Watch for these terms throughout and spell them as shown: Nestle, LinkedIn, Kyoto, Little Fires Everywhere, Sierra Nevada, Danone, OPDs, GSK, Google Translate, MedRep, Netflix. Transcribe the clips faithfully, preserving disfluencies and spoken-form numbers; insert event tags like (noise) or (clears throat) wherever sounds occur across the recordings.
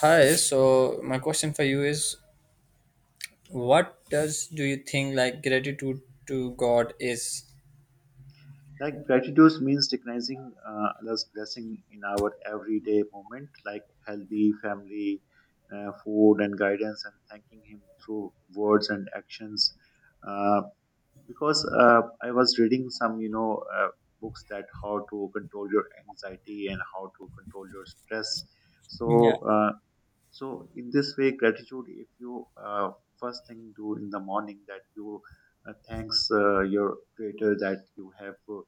Hi, so my question for you is what does do you think like gratitude to God is? Like gratitude means recognizing uh, others' blessing in our everyday moment, like healthy family, uh, food, and guidance, and thanking Him through words and actions. Uh, because uh, I was reading some, you know, uh, books that how to control your anxiety and how to control your stress. Yeah, So uh, so in this way, gratitude. If you uh, first thing do in the morning that you uh, thanks uh, your creator that you have uh,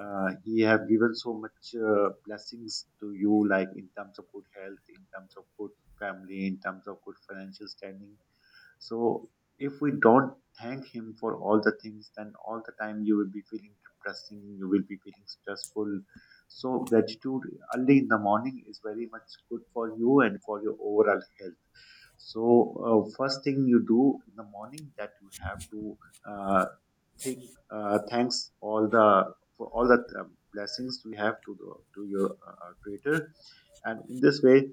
uh, he have given so much uh, blessings to you, like in terms of good health, in terms of good family, in terms of good financial standing, so if we don't thank him for all the things, then all the time you will be feeling depressing, you will be feeling stressful. So gratitude early in the morning is very much good for you and for your overall health. So uh, first thing you do in the morning that you have to uh, think uh, thanks all the for all the uh, blessings we have to the, to your uh, uh, creator, and in this way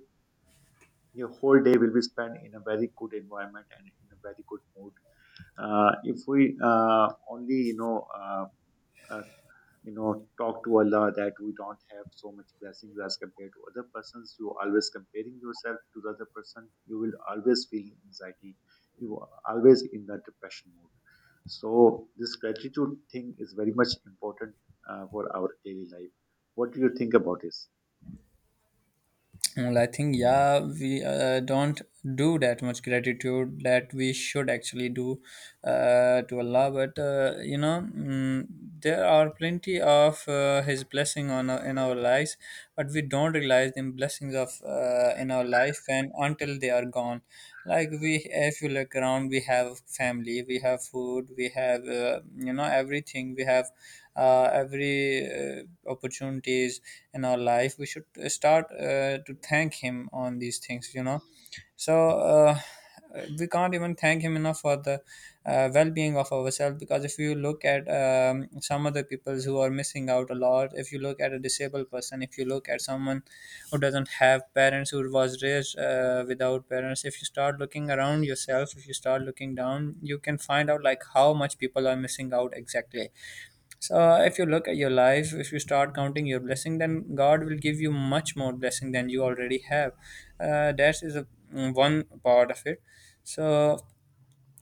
your whole day will be spent in a very good environment and in a very good mood. Uh, if we uh, only, you know, uh, uh, you know, talk to Allah that we don't have so much blessings as compared to other persons, you always comparing yourself to the other person, you will always feel anxiety. You are always in that depression mood. So this gratitude thing is very much important uh, for our daily life. What do you think about this? well, I think, yeah, we uh, don't do that much gratitude that we should actually do uh, to Allah. But uh, you know, mm, there are plenty of uh, His blessing on our, in our lives, but we don't realize the blessings of uh, in our life and until they are gone. Like we, if you look around, we have family, we have food, we have uh, you know, everything. We have uh, every uh, opportunity opportunities in our life. We should uh, start uh, to thank him on these things, you know, so uh, we can't even thank him enough for the uh, well-being of ourselves. Because if you look at um, some other peoples who are missing out a lot, if you look at a disabled person, if you look at someone who doesn't have parents, who was raised uh, without parents, if you start looking around yourself, if you start looking down, you can find out like how much people are missing out, exactly. So uh, if you look at your life, if you start counting your blessing, then God will give you much more blessing than you already have. Uh, that is a, mm, one part of it. So,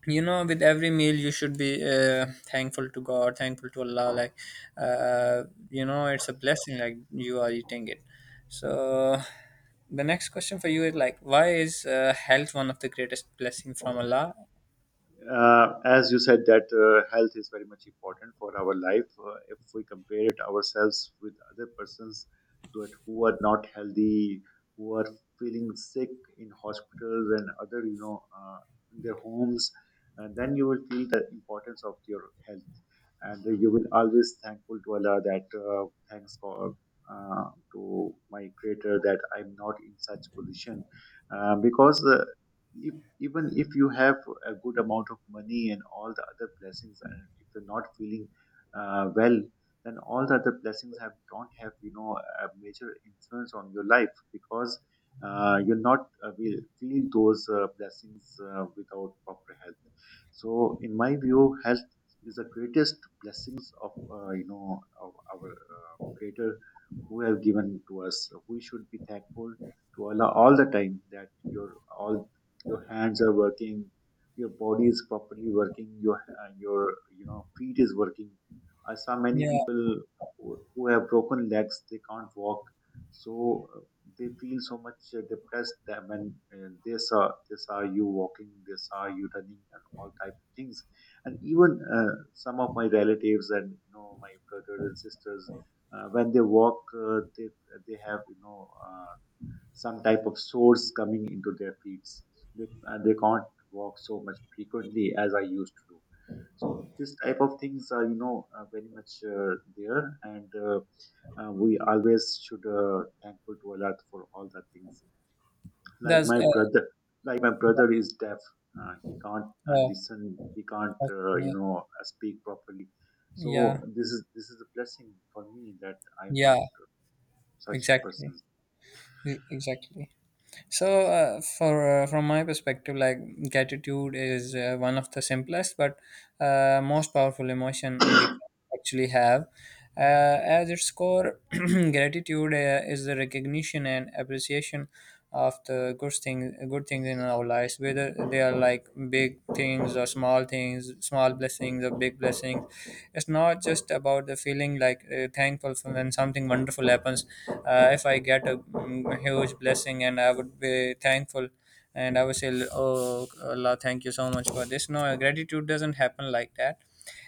you know, with every meal, you should be uh, thankful to God, thankful to Allah. Like uh, you know, it's a blessing. Like, you are eating it. So the next question for you is like, why is uh, health one of the greatest blessing from Allah? Uh, as you said that uh, health is very much important for our life. Uh, if we compare it ourselves with other persons that who are not healthy, who are feeling sick in hospitals and other you know uh, in their homes, and then you will feel the importance of your health, and you will always thankful to Allah that uh, thanks for uh, to my creator that I'm not in such position, uh, because uh, if, even if you have a good amount of money and all the other blessings, and if you're not feeling uh, well, then all the other blessings have don't have you know a major influence on your life, because uh, you're not uh, will feel those uh, blessings uh, without proper health. So, in my view, health is the greatest blessings of uh, you know of our uh, Creator who have given to us. So we should be thankful to Allah all the time, that your all your hands are working, your body is properly working, your uh, your you know feet is working. I saw many Yeah, people who who have broken legs, they can't walk, so uh, they feel so much uh, depressed that when uh, they saw they saw you walking, they saw you running, and all type of things. And even uh, some of my relatives and you know my brothers and sisters, uh, when they walk uh, they they have you know Uh, some type of sores coming into their feet. They, uh, they can't walk so much frequently as I used to do. So this type of things are you know uh, very much uh, there, and uh, uh, we always should uh, thankful to Allah for all the things. Like that's my uh, brother, like my brother is deaf. Uh, he can't uh, uh, listen. He can't uh, you okay. know uh, speak properly. So Yeah, this is this is a blessing for me that I'm yeah, not such exactly. person. E- exactly. So uh, for uh, from my perspective, like gratitude is uh, one of the simplest but uh, most powerful emotion we can actually have, uh, as its core. (clears throat) Gratitude uh, is the recognition and appreciation of the good things good things in our lives, whether they are like big things or small things, small blessings or big blessings. It's not just about the feeling, like uh, thankful for when something wonderful happens. Uh, if I get get a mm, huge blessing, and I would be thankful, and I would say, "Oh Allah, thank you so much for this." No, gratitude doesn't happen like that.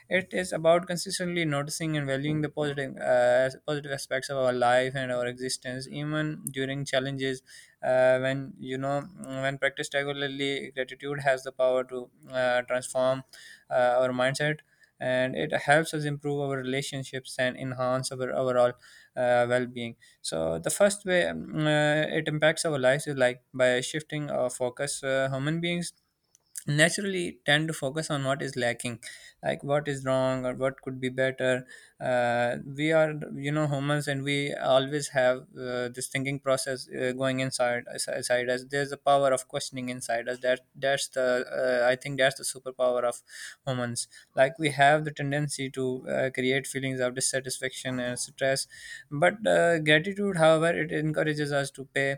It is about consistently noticing and valuing the positive, uh, positive aspects of our life and our existence, even during challenges. Uh, when you know, when practiced regularly, gratitude has the power to uh, transform uh, our mindset, and it helps us improve our relationships and enhance our overall uh, well-being. So the first way um, uh, it impacts our lives is like by shifting our focus. Uh, human beings naturally tend to focus on what is lacking, like what is wrong or what could be better. Uh, we are, you know, humans, and we always have uh, this thinking process uh, going inside inside us. There's the power of questioning inside us, that that's the uh, I think that's the superpower of humans. Like, we have the tendency to uh, create feelings of dissatisfaction and stress, but uh, gratitude, however, it encourages us to pay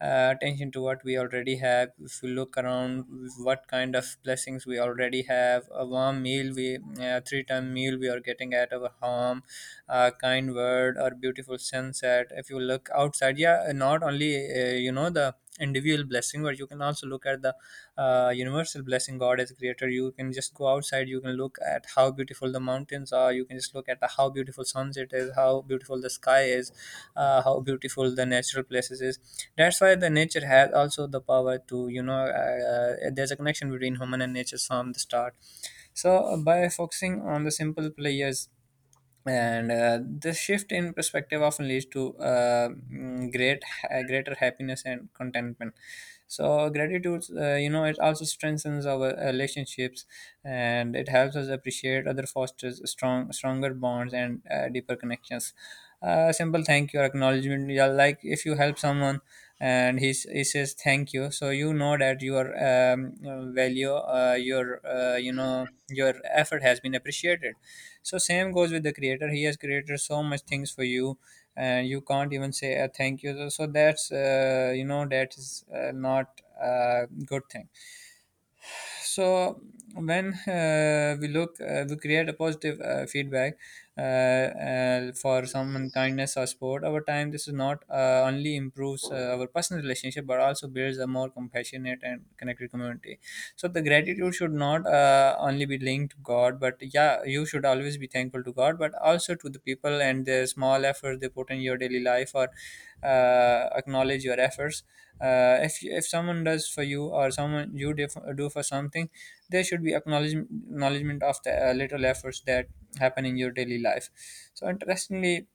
uh, attention to what we already have. If we look around, what kind of blessings we already have, a warm meal, we uh, three-time meal we are getting at our home, a kind word, or beautiful sunset. If you look outside, yeah, not only uh, you know, the individual blessing, but you can also look at the uh, universal blessing, God as creator. You can just go outside, you can look at how beautiful the mountains are, you can just look at the, how beautiful sunset is, how beautiful the sky is, uh, how beautiful the natural places is. That's why the nature has also the power to, you know, uh, uh, there's a connection between human and nature from the start. So by focusing on the simple players and uh, this shift in perspective often leads to uh, mm, great ha- greater happiness and contentment. So gratitude, uh, you know, it also strengthens our uh, relationships, and it helps us appreciate other, fosters strong stronger bonds and uh, deeper connections. Uh, simple thank you or acknowledgement, yeah, like if you help someone and he, s- he says thank you, so you know that your um, value, uh, your uh, you know, your effort has been appreciated. So same goes with the creator. He has created so much things for you, and you can't even say a thank you. So that's uh, you know, that is uh, not a good thing. So when uh, we look, uh, we create a positive uh, feedback uh, uh, for someone kindness or support. Over time, this is not uh, only improves uh, our personal relationship, but also builds a more compassionate and connected community. So the gratitude should not uh, only be linked to God, but yeah, you should always be thankful to God, but also to the people and the small efforts they put in your daily life, or uh, acknowledge your efforts. uh, if if someone does for you, or someone you def- do for something, there should be acknowledgement acknowledgement of the uh, little efforts that happen in your daily life. So interestingly,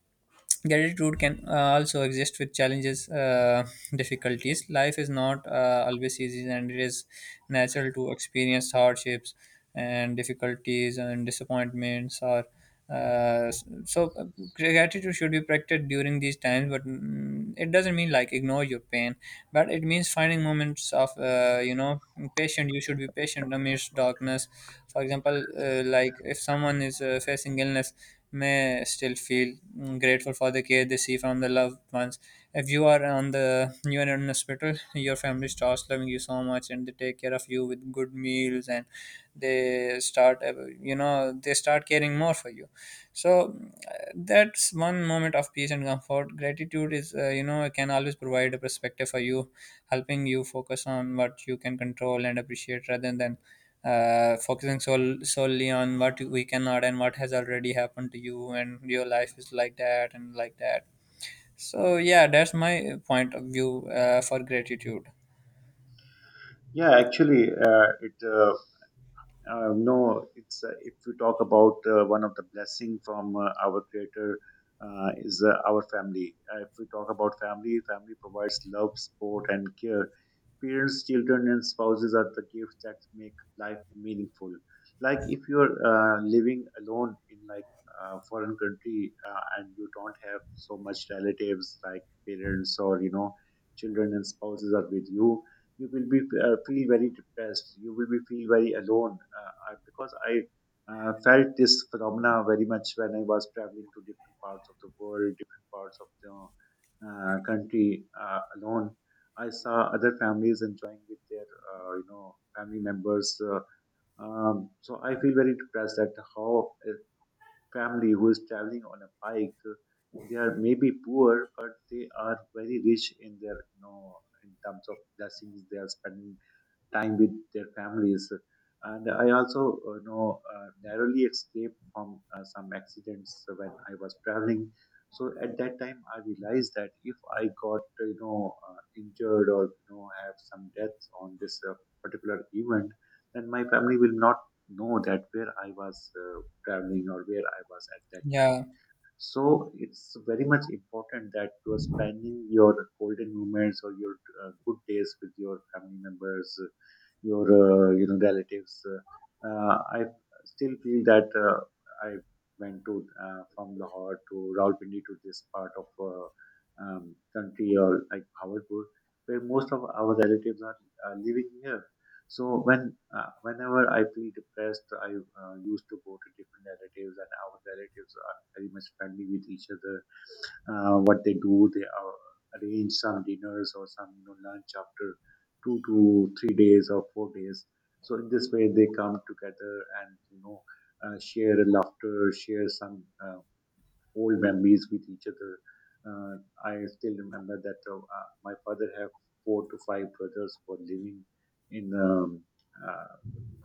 gratitude can uh, also exist with challenges, uh, difficulties. Life is not uh, always easy, and it is natural to experience hardships and difficulties and disappointments, or uh, so uh, gratitude should be practiced during these times, but mm, it doesn't mean like ignore your pain, but it means finding moments of uh, you know, patient. You should be patient amidst darkness. For example, uh, like if someone is uh, facing illness, may still feel mm, grateful for the care they see from the loved ones. If you are on the you are in the hospital, your family starts loving you so much, and they take care of you with good meals, and they start, uh, you know, they start caring more for you. So uh, that's one moment of peace and comfort. Gratitude is, uh, you know, can always provide a perspective for you, helping you focus on what you can control and appreciate rather than uh, focusing sol- solely on what we cannot and what has already happened to you, and your life is like that and like that. So yeah, that's my point of view uh, for gratitude. Yeah, actually, uh, it uh, Uh, no, it's uh, if we talk about uh, one of the blessing from uh, our Creator uh, is uh, our family. Uh, if we talk about family, family provides love, support, and care. Parents, children, and spouses are the gifts that make life meaningful. Like, if you're uh, living alone in, like, a foreign country, uh, and you don't have so much relatives like parents or you know children and spouses are with you, you will be uh, feel very depressed. You will be feel very alone, uh, I- because I uh, felt this phenomena very much when I was traveling to different parts of the world, different parts of the uh, country, uh, alone. I saw other families enjoying with their uh, you know family members. Uh, um, so I feel very depressed that how a family who is traveling on a bike, uh, they are maybe poor, but they are very rich in their you know in terms of blessings, they are spending time with their families. And I also uh, know uh, narrowly escaped from uh, some accidents when I was traveling. So at that time, I realized that if I got uh, you know uh, injured or you know have some death on this uh, particular event, then my family will not know that where I was uh, traveling or where I was at that time. Yeah, So it's very much important that you are spending your golden moments or your uh, good days with your family members, uh, your uh, you know relatives. Uh, I still feel that uh, I went to uh, from Lahore to Rawalpindi to this part of uh, um, country, or like Bhawarpur, where most of our relatives are uh, living here. So when uh, whenever I feel depressed, I uh, used to go to different relatives, and our relatives very much friendly with each other. Uh, what they do, they uh, arrange some dinners or some you know, lunch after two to three days or four days. So in this way, they come together, and you know uh, share laughter, share some uh, old memories with each other. Uh, I still remember that uh, uh, my father have four to five brothers who are living in um, uh,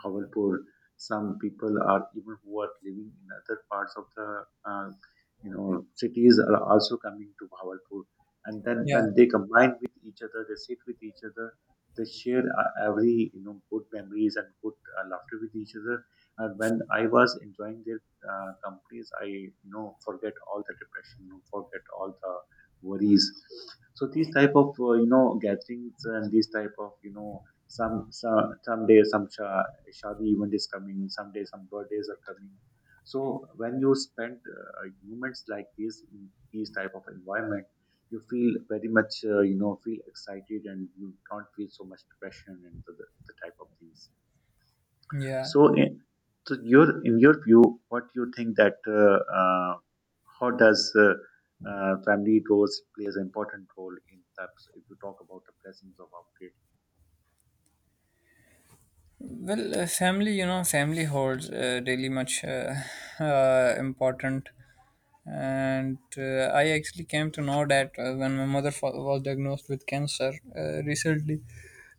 Bhawanpur. Some people are even who are living in other parts of the uh, you know cities are also coming to Bhawanpur, and then yeah, when they combine with each other, they sit with each other. They share uh, every you know good memories and good uh, laughter with each other. And when I was enjoying their uh, companies, I you know forget all the depression, forget all the worries. So these type of uh, you know gatherings, and these type of you know some some someday some sha- shadi event is coming, someday some birthdays are coming, so when you spend uh, moments like this in these type of environment, you feel very much uh, you know feel excited, and you don't feel so much depression and the, the, the type of things. yeah. So, in, so, your in your view, what you think that uh, uh, how does uh, uh, family roles plays an important role in that? If you talk about the blessings of our, Well, uh, family, you know, family holds uh, really much uh, (laughs) uh, important. And uh, I actually came to know that uh, when my mother fa- was diagnosed with cancer uh, recently.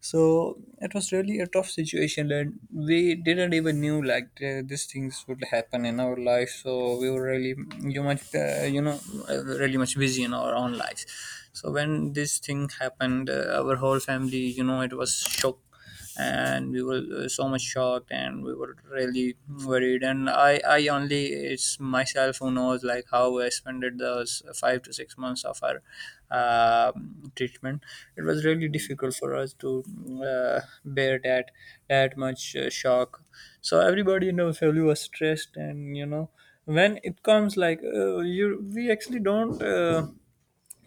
So it was really a tough situation, and we didn't even knew like uh, these things would happen in our life, so we were really you much, uh, you know, uh, really much busy in our own lives. So when this thing happened, uh, our whole family, you know, it was shocked, and we were, uh, so much shocked, and we were really worried. And i i only, it's myself who knows like how I spent those five to six months of our uh, treatment. It was really gratitude. difficult for us to uh, bear that that much uh, shock. So everybody in our family was stressed. And you know, when it comes like, uh, you, we actually don't uh,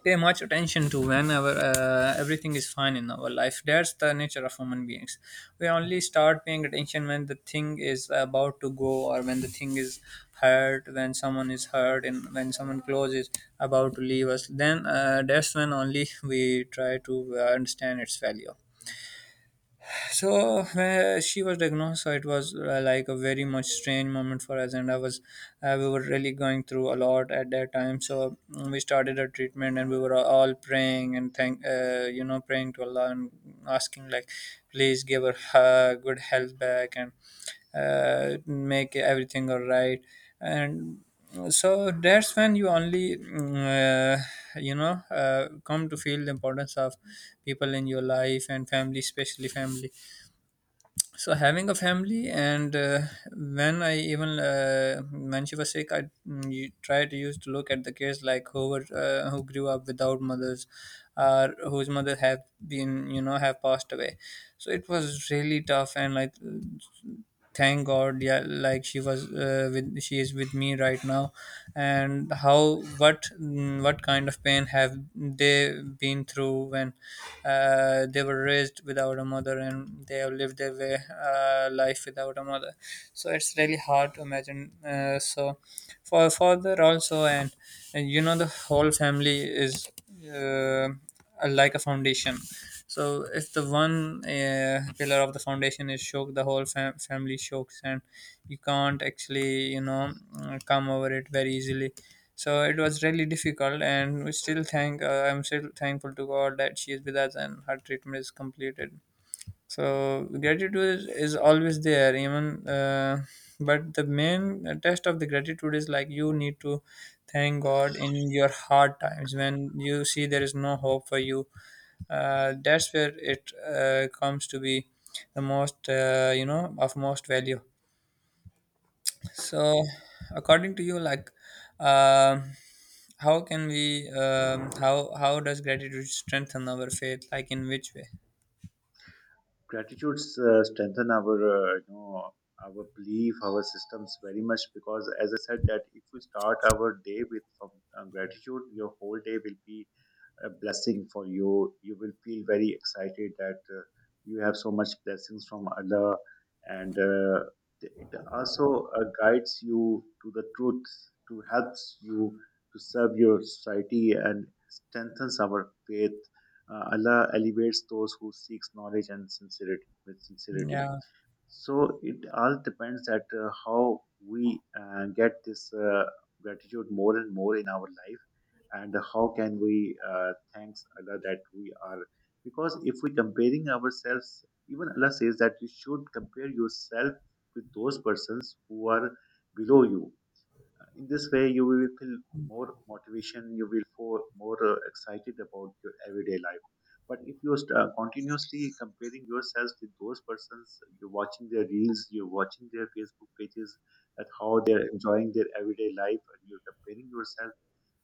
pay much attention to whenever uh, everything is fine in our life. That's the nature of human beings. We only start paying attention when the thing is about to go, or when the thing is hurt, when someone is hurt, and when someone close is about to leave us. Then uh, that's when only we try to uh, understand its value. So when she was diagnosed, so it was uh, like a very much strange moment for us, and I was uh, we were really going through a lot at that time. So mm, we started our treatment and we were all praying and thank uh, you know praying to allah and asking like, please give her her good health back and uh, make everything all right. And so that's when you only mm, uh, you know uh, come to feel the importance of people in your life and family, especially family. So having a family, and uh, when I even uh, when she was sick, i mm, you tried to use to look at the kids like who were uh, who grew up without mothers, or whose mother have been you know have passed away. So it was really tough, and like, thank god, yeah, like she was uh, with she is with me right now. And how, what mm, what kind of pain have they been through when uh, they were raised without a mother, and they have lived their way, uh, life without a mother. So it's really hard to imagine, uh, so for a father also, and, and you know, the whole family is uh, like a foundation. So if the one uh, pillar of the foundation is shook, the whole fam- family shokes, and you can't actually, you know, uh, come over it very easily. So it was really difficult, and we still thank. Uh, I'm still thankful to God that she is with us and her treatment is completed. So gratitude is, is always there, even. Uh, but the main test of the gratitude is like, you need to thank God in your hard times, when you see there is no hope for you. Uh, that's where it uh, comes to be the most, uh, you know, of most value. So, according to you, like, um how can we, um, how how does gratitude strengthen our faith? Like, in which way? Gratitudes uh, strengthen our uh, you know our belief, our systems very much, because as I said, that if we start our day with from uh, gratitude, your whole day will be a blessing for you. You will feel very excited that uh, you have so much blessings from Allah, and uh, it also uh, guides you to the truth, to helps you to serve your society and strengthens our faith. Uh, Allah elevates those who seeks knowledge and sincerity with sincerity. Yeah, So it all depends that uh, how we uh, get this uh, gratitude more and more in our life, and how can we uh, thanks Allah that we are. Because if we comparing ourselves, even Allah says that you should compare yourself with those persons who are below you. In this way you will feel more motivation, you will feel more uh, excited about your everyday life. But if you st- uh, continuously comparing yourselves with those persons, you're watching their reels, you're watching their Facebook pages at how they're enjoying their everyday life, and you're comparing yourself,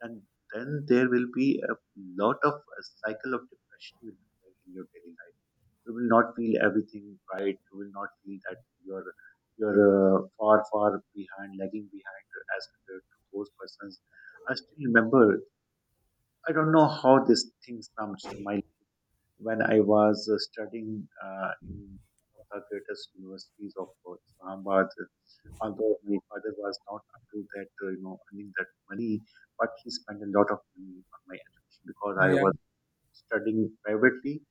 and then there will be a lot of a cycle of depression will be in your daily life. You will not feel everything right. You will not feel that you're you're uh, far far behind, lagging behind as compared to those persons. I still remember. I don't know how this thing comes to my when I was uh, studying uh, in one of the greatest universities of uh, Islamabad. Although my father was not up to that, uh, you know, earning that money, but he spent a lot of money on my education because I yeah, was studying privately,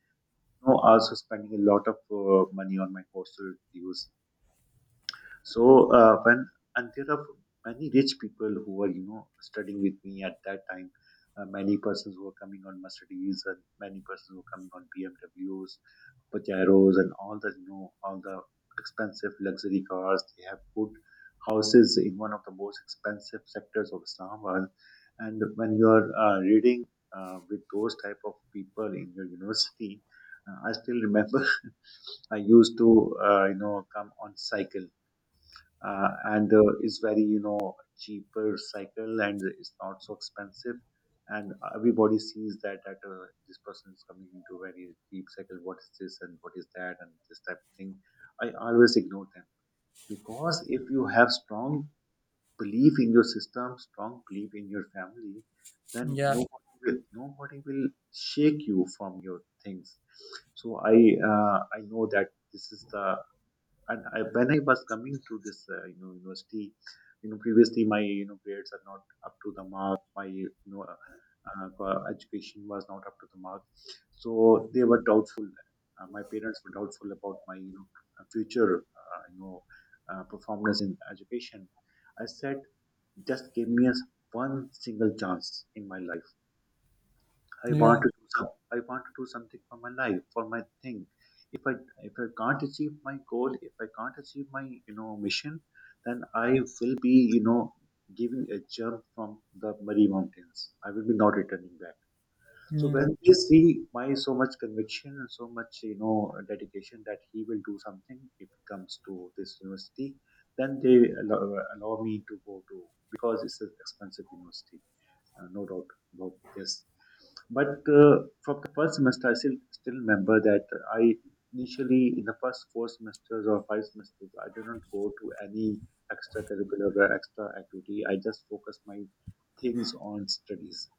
know, also spending a lot of uh, money on my coastal dues. So uh, when and there are many rich people who are you know studying with me at that time. Uh, many persons who are coming on Mercedes and many persons who are coming on B M Ws, Pajeros, and all the you know all the expensive luxury cars. They have good houses in one of the most expensive sectors of Islamabad. And when you are uh, reading uh, with those type of people in your university, uh, I still remember I used to, uh, you know, come on cycle, uh, and uh, it's very, you know, cheaper cycle, and it's not so expensive. And everybody sees that that uh, this person is coming into very cheap cycle. What is this and what is that and this type of thing. I always ignore them because if you have strong belief in your system, strong belief in your family, then yeah, nobody will nobody will shake you from your things. So I uh, I know that this is the. And I, when I was coming to this, uh, you know, university, you know, previously my you know grades are not up to the mark. My you know uh, uh, co- education was not up to the mark, so they were doubtful. Uh, my parents were doubtful about my you know uh, future, uh, you know, uh, performance in education. I said, just give me a, s- one single chance in my life. I yeah, want to do some, I want to do something for my life, for my thing. If I if I can't achieve my goal, if I can't achieve my you know mission, then I will be you know giving a jump from the Murray Mountains. I will be not returning back. So mm, when they see my so much conviction and so much you know dedication that he will do something if he comes to this university, then they allow, allow me to go to, because it's an expensive university. Uh, no doubt about this. But uh, from the first semester, I still, still remember that I initially, in the first four semesters or five semesters, I did not go to any extracurricular or extra activity. I just focused my things on studies.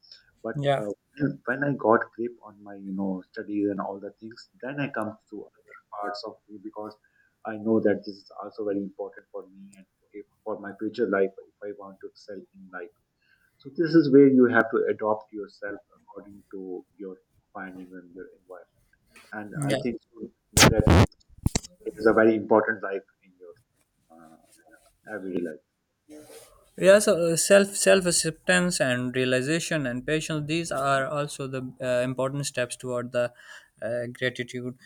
But yeah, uh, (clears throat) when I got grip on my, you know, studies and all the things, then I come to other parts of me because I know that this is also very important for me and if, for my future life if I want to excel in life. So this is where you have to adopt yourself according to your finding and your environment. And yeah. I think so that that is a very important life in your uh, everyday life. Yes, uh, self self acceptance and realization and patience. These are also the uh, important steps toward the uh, gratitude.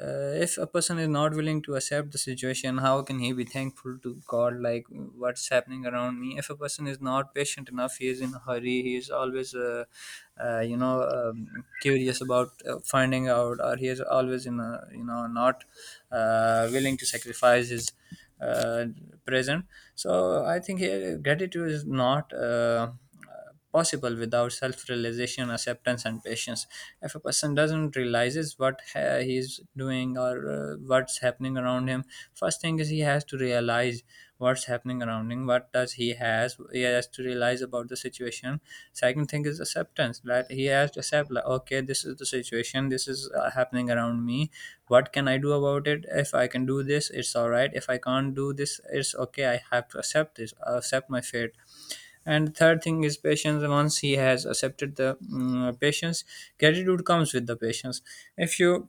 Uh, if a person is not willing to accept the situation, how can he be thankful to God? Like, what's happening around me? If a person is not patient enough, he is in a hurry. He is always, uh, uh, you know, um, curious about uh, finding out, or he is always in a, you know, not uh, willing to sacrifice his uh, present. So I think uh, gratitude is not. Uh, possible without self-realization, acceptance and patience. If a person doesn't realizes what uh, he's doing, or uh, what's happening around him, first thing is he has to realize what's happening around him. What does he has he has to realize about the situation. Second thing is acceptance, that he has to accept, like, okay, this is the situation, this is uh, happening around me, what can I do about it? If I can do this, it's all right. If I can't do this, it's okay, I have to accept this accept my fate. And third thing is patience. Once he has accepted the mm, patience, gratitude comes with the patience. If you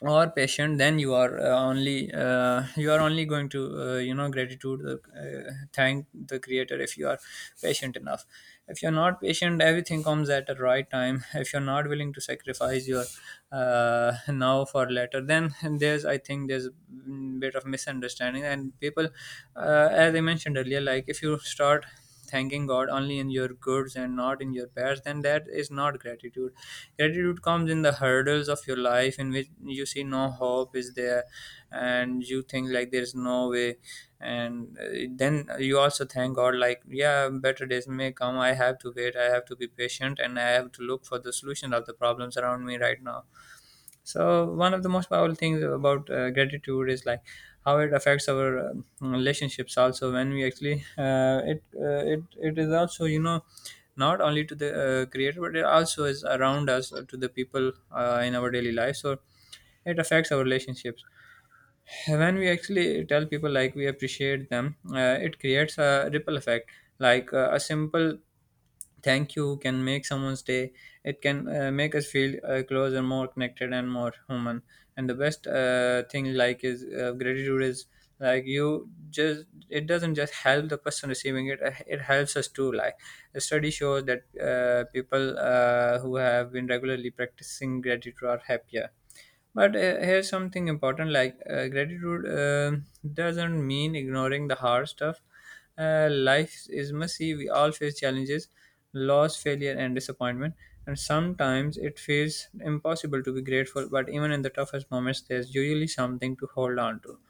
or patient, then you are uh, only uh, you are only going to uh, you know gratitude the uh, thank the creator, if you are patient enough. If you're not patient, everything comes at the right time. If you're not willing to sacrifice your uh, now for later, then there's I think there's a bit of misunderstanding, and people, uh, as I mentioned earlier, like, if you start thanking God only in your goods and not in your bads, then that is not gratitude. Gratitude comes in the hurdles of your life, in which you see no hope is there, and you think like there's no way. And uh, then you also thank God, like, yeah, better days may come. I have to wait, I have to be patient, and I have to look for the solution of the problems around me right now. So one of the most powerful things about uh, gratitude is like how it affects our um, relationships. Also, when we actually uh, it uh, it it is also, you know, not only to the uh, creator, but it also is around us, uh, to the people uh, in our daily life. So it affects our relationships. When we actually tell people like we appreciate them, uh, it creates a ripple effect. Like, uh, a simple thank you can make someone's day. It can uh, make us feel uh, closer, more connected and more human. And the best uh, thing like is, uh, gratitude is like, you just, it doesn't just help the person receiving it, uh, it helps us too. Like, a study shows that uh, people uh, who have been regularly practicing gratitude are happier. But uh, here's something important, like, uh, gratitude uh, doesn't mean ignoring the hard stuff. Uh, life is messy, we all face challenges, loss, failure, and disappointment. And sometimes it feels impossible to be grateful, but even in the toughest moments, there's usually something to hold on to.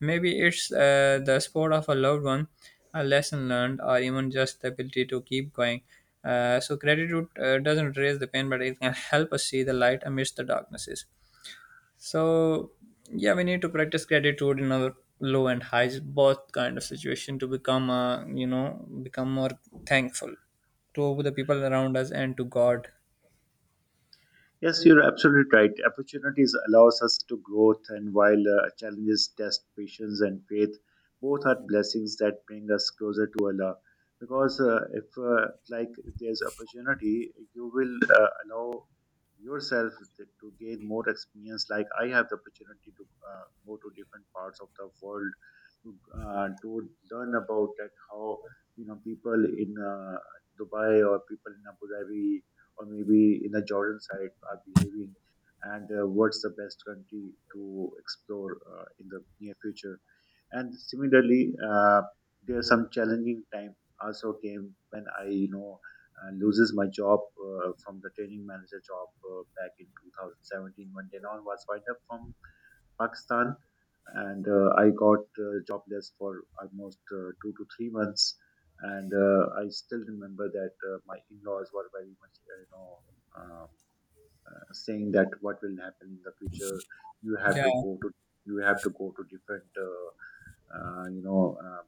Maybe it's uh, the support of a loved one, a lesson learned, or even just the ability to keep going. Uh, so, gratitude uh, doesn't erase the pain, but it can (laughs) help us see the light amidst the darknesses. So yeah, we need to practice gratitude in our low and highs, both kind of situation to become, uh, you know become more thankful to the people around us and to God. Yes, you're absolutely right. Opportunities allows us to growth, and while uh, challenges test patience and faith, both are blessings that bring us closer to Allah. Because uh, if uh, like if there's opportunity, you will uh, allow yourself to to gain more experience. Like I have the opportunity to uh, go to different parts of the world to uh, to learn about that how you know people in uh, Dubai or people in Abu Dhabi or maybe in the Jordan side are behaving, and uh, what's the best country to explore uh, in the near future. And similarly, uh, there are some challenging time also came when I, you know, uh, loses my job uh, from the training manager job uh, back in two thousand seventeen, when Denon was wind up from Pakistan, and uh, I got uh, jobless for almost uh, two to three months. And uh, I still remember that uh, my in-laws were very much, uh, you know, um, uh, saying that what will happen in the future. You have Yeah, to go to you have to go to different, uh, uh, you know, uh,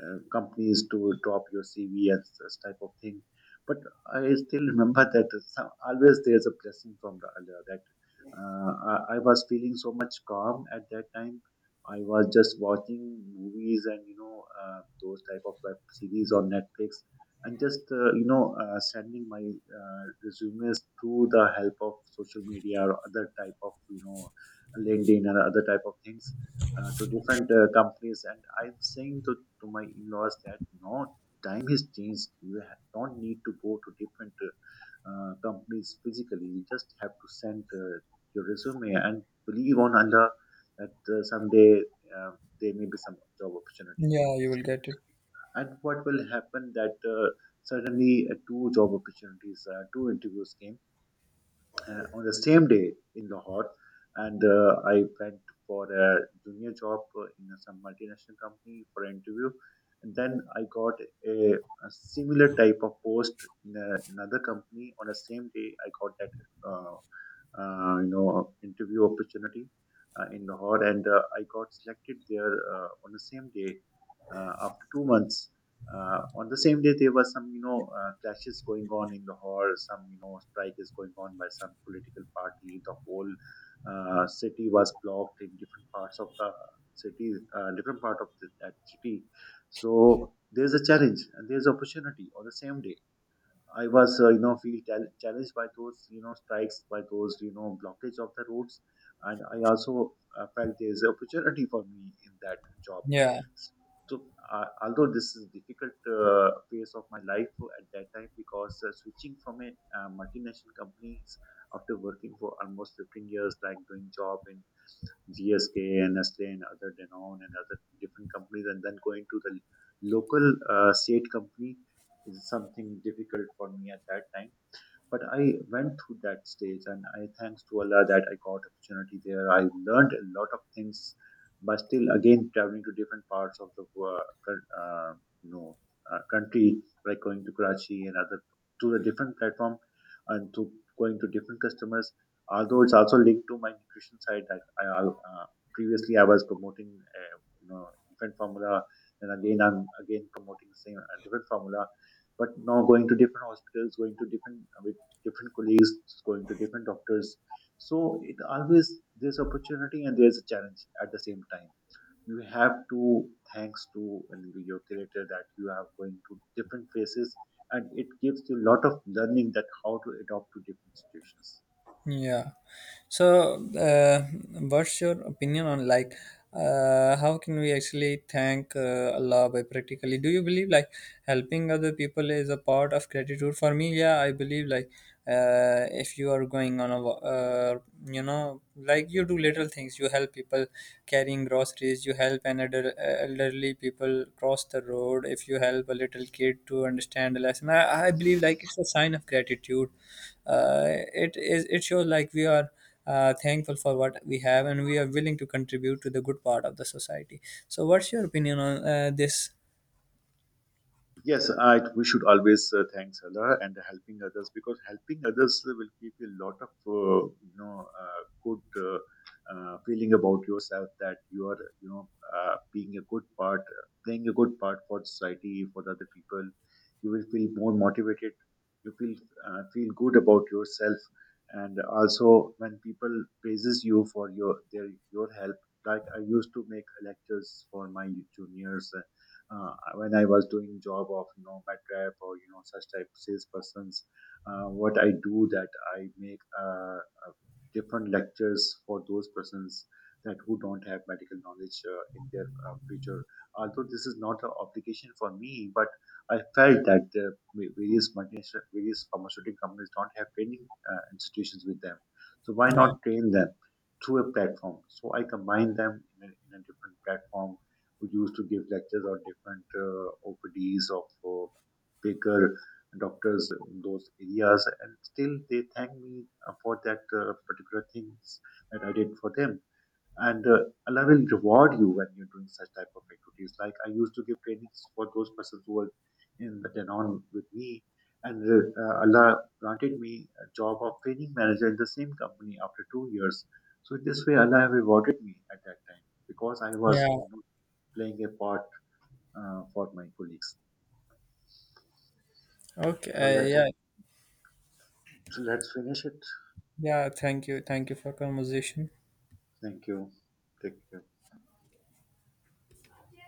uh, companies to drop your C V and this type of thing. But I still remember (laughs) that some, always there's a blessing from the Allah that uh, I, I was feeling so much calm at that time. I was just watching movies and you know uh, those type of web series on Netflix, and just uh, you know uh, sending my uh, resumes through the help of social media or other type of you know LinkedIn and other type of things uh, to different uh, companies, and I'm saying to, to my in-laws that no, time has changed. You ha- don't need to go to different uh, uh, companies physically. You just have to send uh, your resume and believe on Allah that uh, someday uh, there may be some job opportunity came. yeah, you will get it. And what will happen that uh, suddenly uh, two job opportunities, uh, two interviews came uh, on the same day in Lahore, and uh, I went for a junior job uh, in some multinational company for an interview, and then I got a, a similar type of post in a, another company on the same day. I got that uh, uh, you know interview opportunity uh, in Lahore, and uh, I got selected there uh, on the same day uh, after two months. Uh, on the same day, there were some, you know, uh, clashes going on in Lahore. Some, you know, strike is going on by some political party. The whole uh, city was blocked in different parts of the city, uh, different part of the, that city. So there's a challenge and there's opportunity on the same day. I was, uh, you know, feel chal- challenged by those, you know, strikes, by those, you know, blockage of the roads, and I also uh, felt there is opportunity for me in that job. Yeah. S- So, uh, although this is difficult uh, phase of my life at that time, because uh, switching from a uh, multinational companies after working for almost fifteen years, like doing job in G S K and Nestle and other Danone and other different companies, and then going to the local uh, state company is something difficult for me at that time. But I went through that stage, and I thanks to Allah that I got opportunity there. I learned a lot of things, but still again traveling to different parts of the wo- coun- uh, you know uh, country, like going to Karachi and other, to the different platform, and to going to different customers, although it's also linked to my nutrition side that I uh, previously I was promoting uh, you know infant formula, and again I'm again promoting same uh, different formula, but now going to different hospitals, going to different uh, with different colleagues, going to different doctors. So it always there's opportunity and there's a challenge at the same time. You have to thanks to and your creator that you are going to different phases, and it gives you a lot of learning that how to adapt to different situations. Yeah. So, uh, what's your opinion on, like, uh, how can we actually thank uh, Allah by practically? Do you believe like helping other people is a part of gratitude? For me, yeah, I believe like, uh, if you are going on a wa- uh, you know, like, you do little things, you help people carrying groceries, you help an elder, uh, elderly people cross the road, if you help a little kid to understand a lesson, i, I believe like it's a sign of gratitude. uh, it is, it shows like we are uh, thankful for what we have, and we are willing to contribute to the good part of the society. So what's your opinion on uh, this? Yes, I, we should always uh, thank Allah and helping others, because helping others will give you a lot of uh, you know uh, good uh, uh, feeling about yourself that you are you know uh, being a good part, playing a good part for society for the other people. You will feel more motivated. You feel uh, feel good about yourself, and also when people praises you for your their your help. Like I used to make lectures for my juniors uh, when I was doing job of you know MedRep or you know such type salespersons, uh, what I do that I make uh, uh, different lectures for those persons that who don't have medical knowledge uh, in their uh, future. Although this is not an obligation for me, but I felt that the va- various multinational, various pharmaceutical companies don't have training uh, institutions with them. So why Yeah, not train them through a platform? So I combine them in a, in a different platform, who used to give lectures on different uh, O P Ds of uh, bigger doctors in those areas. And still, they thank me uh, for that uh, particular things that I did for them. And uh, Allah will reward you when you're doing such type of activities. Like I used to give trainings for those persons who were in the Denon with me. And uh, uh, Allah granted me a job of training manager in the same company after two years. So this way, Allah rewarded me at that time because I was yeah. playing a part uh, for my colleagues. Okay, So uh, let, yeah, let's finish it. yeah. Thank you, thank you for conversation. Thank you. Take care.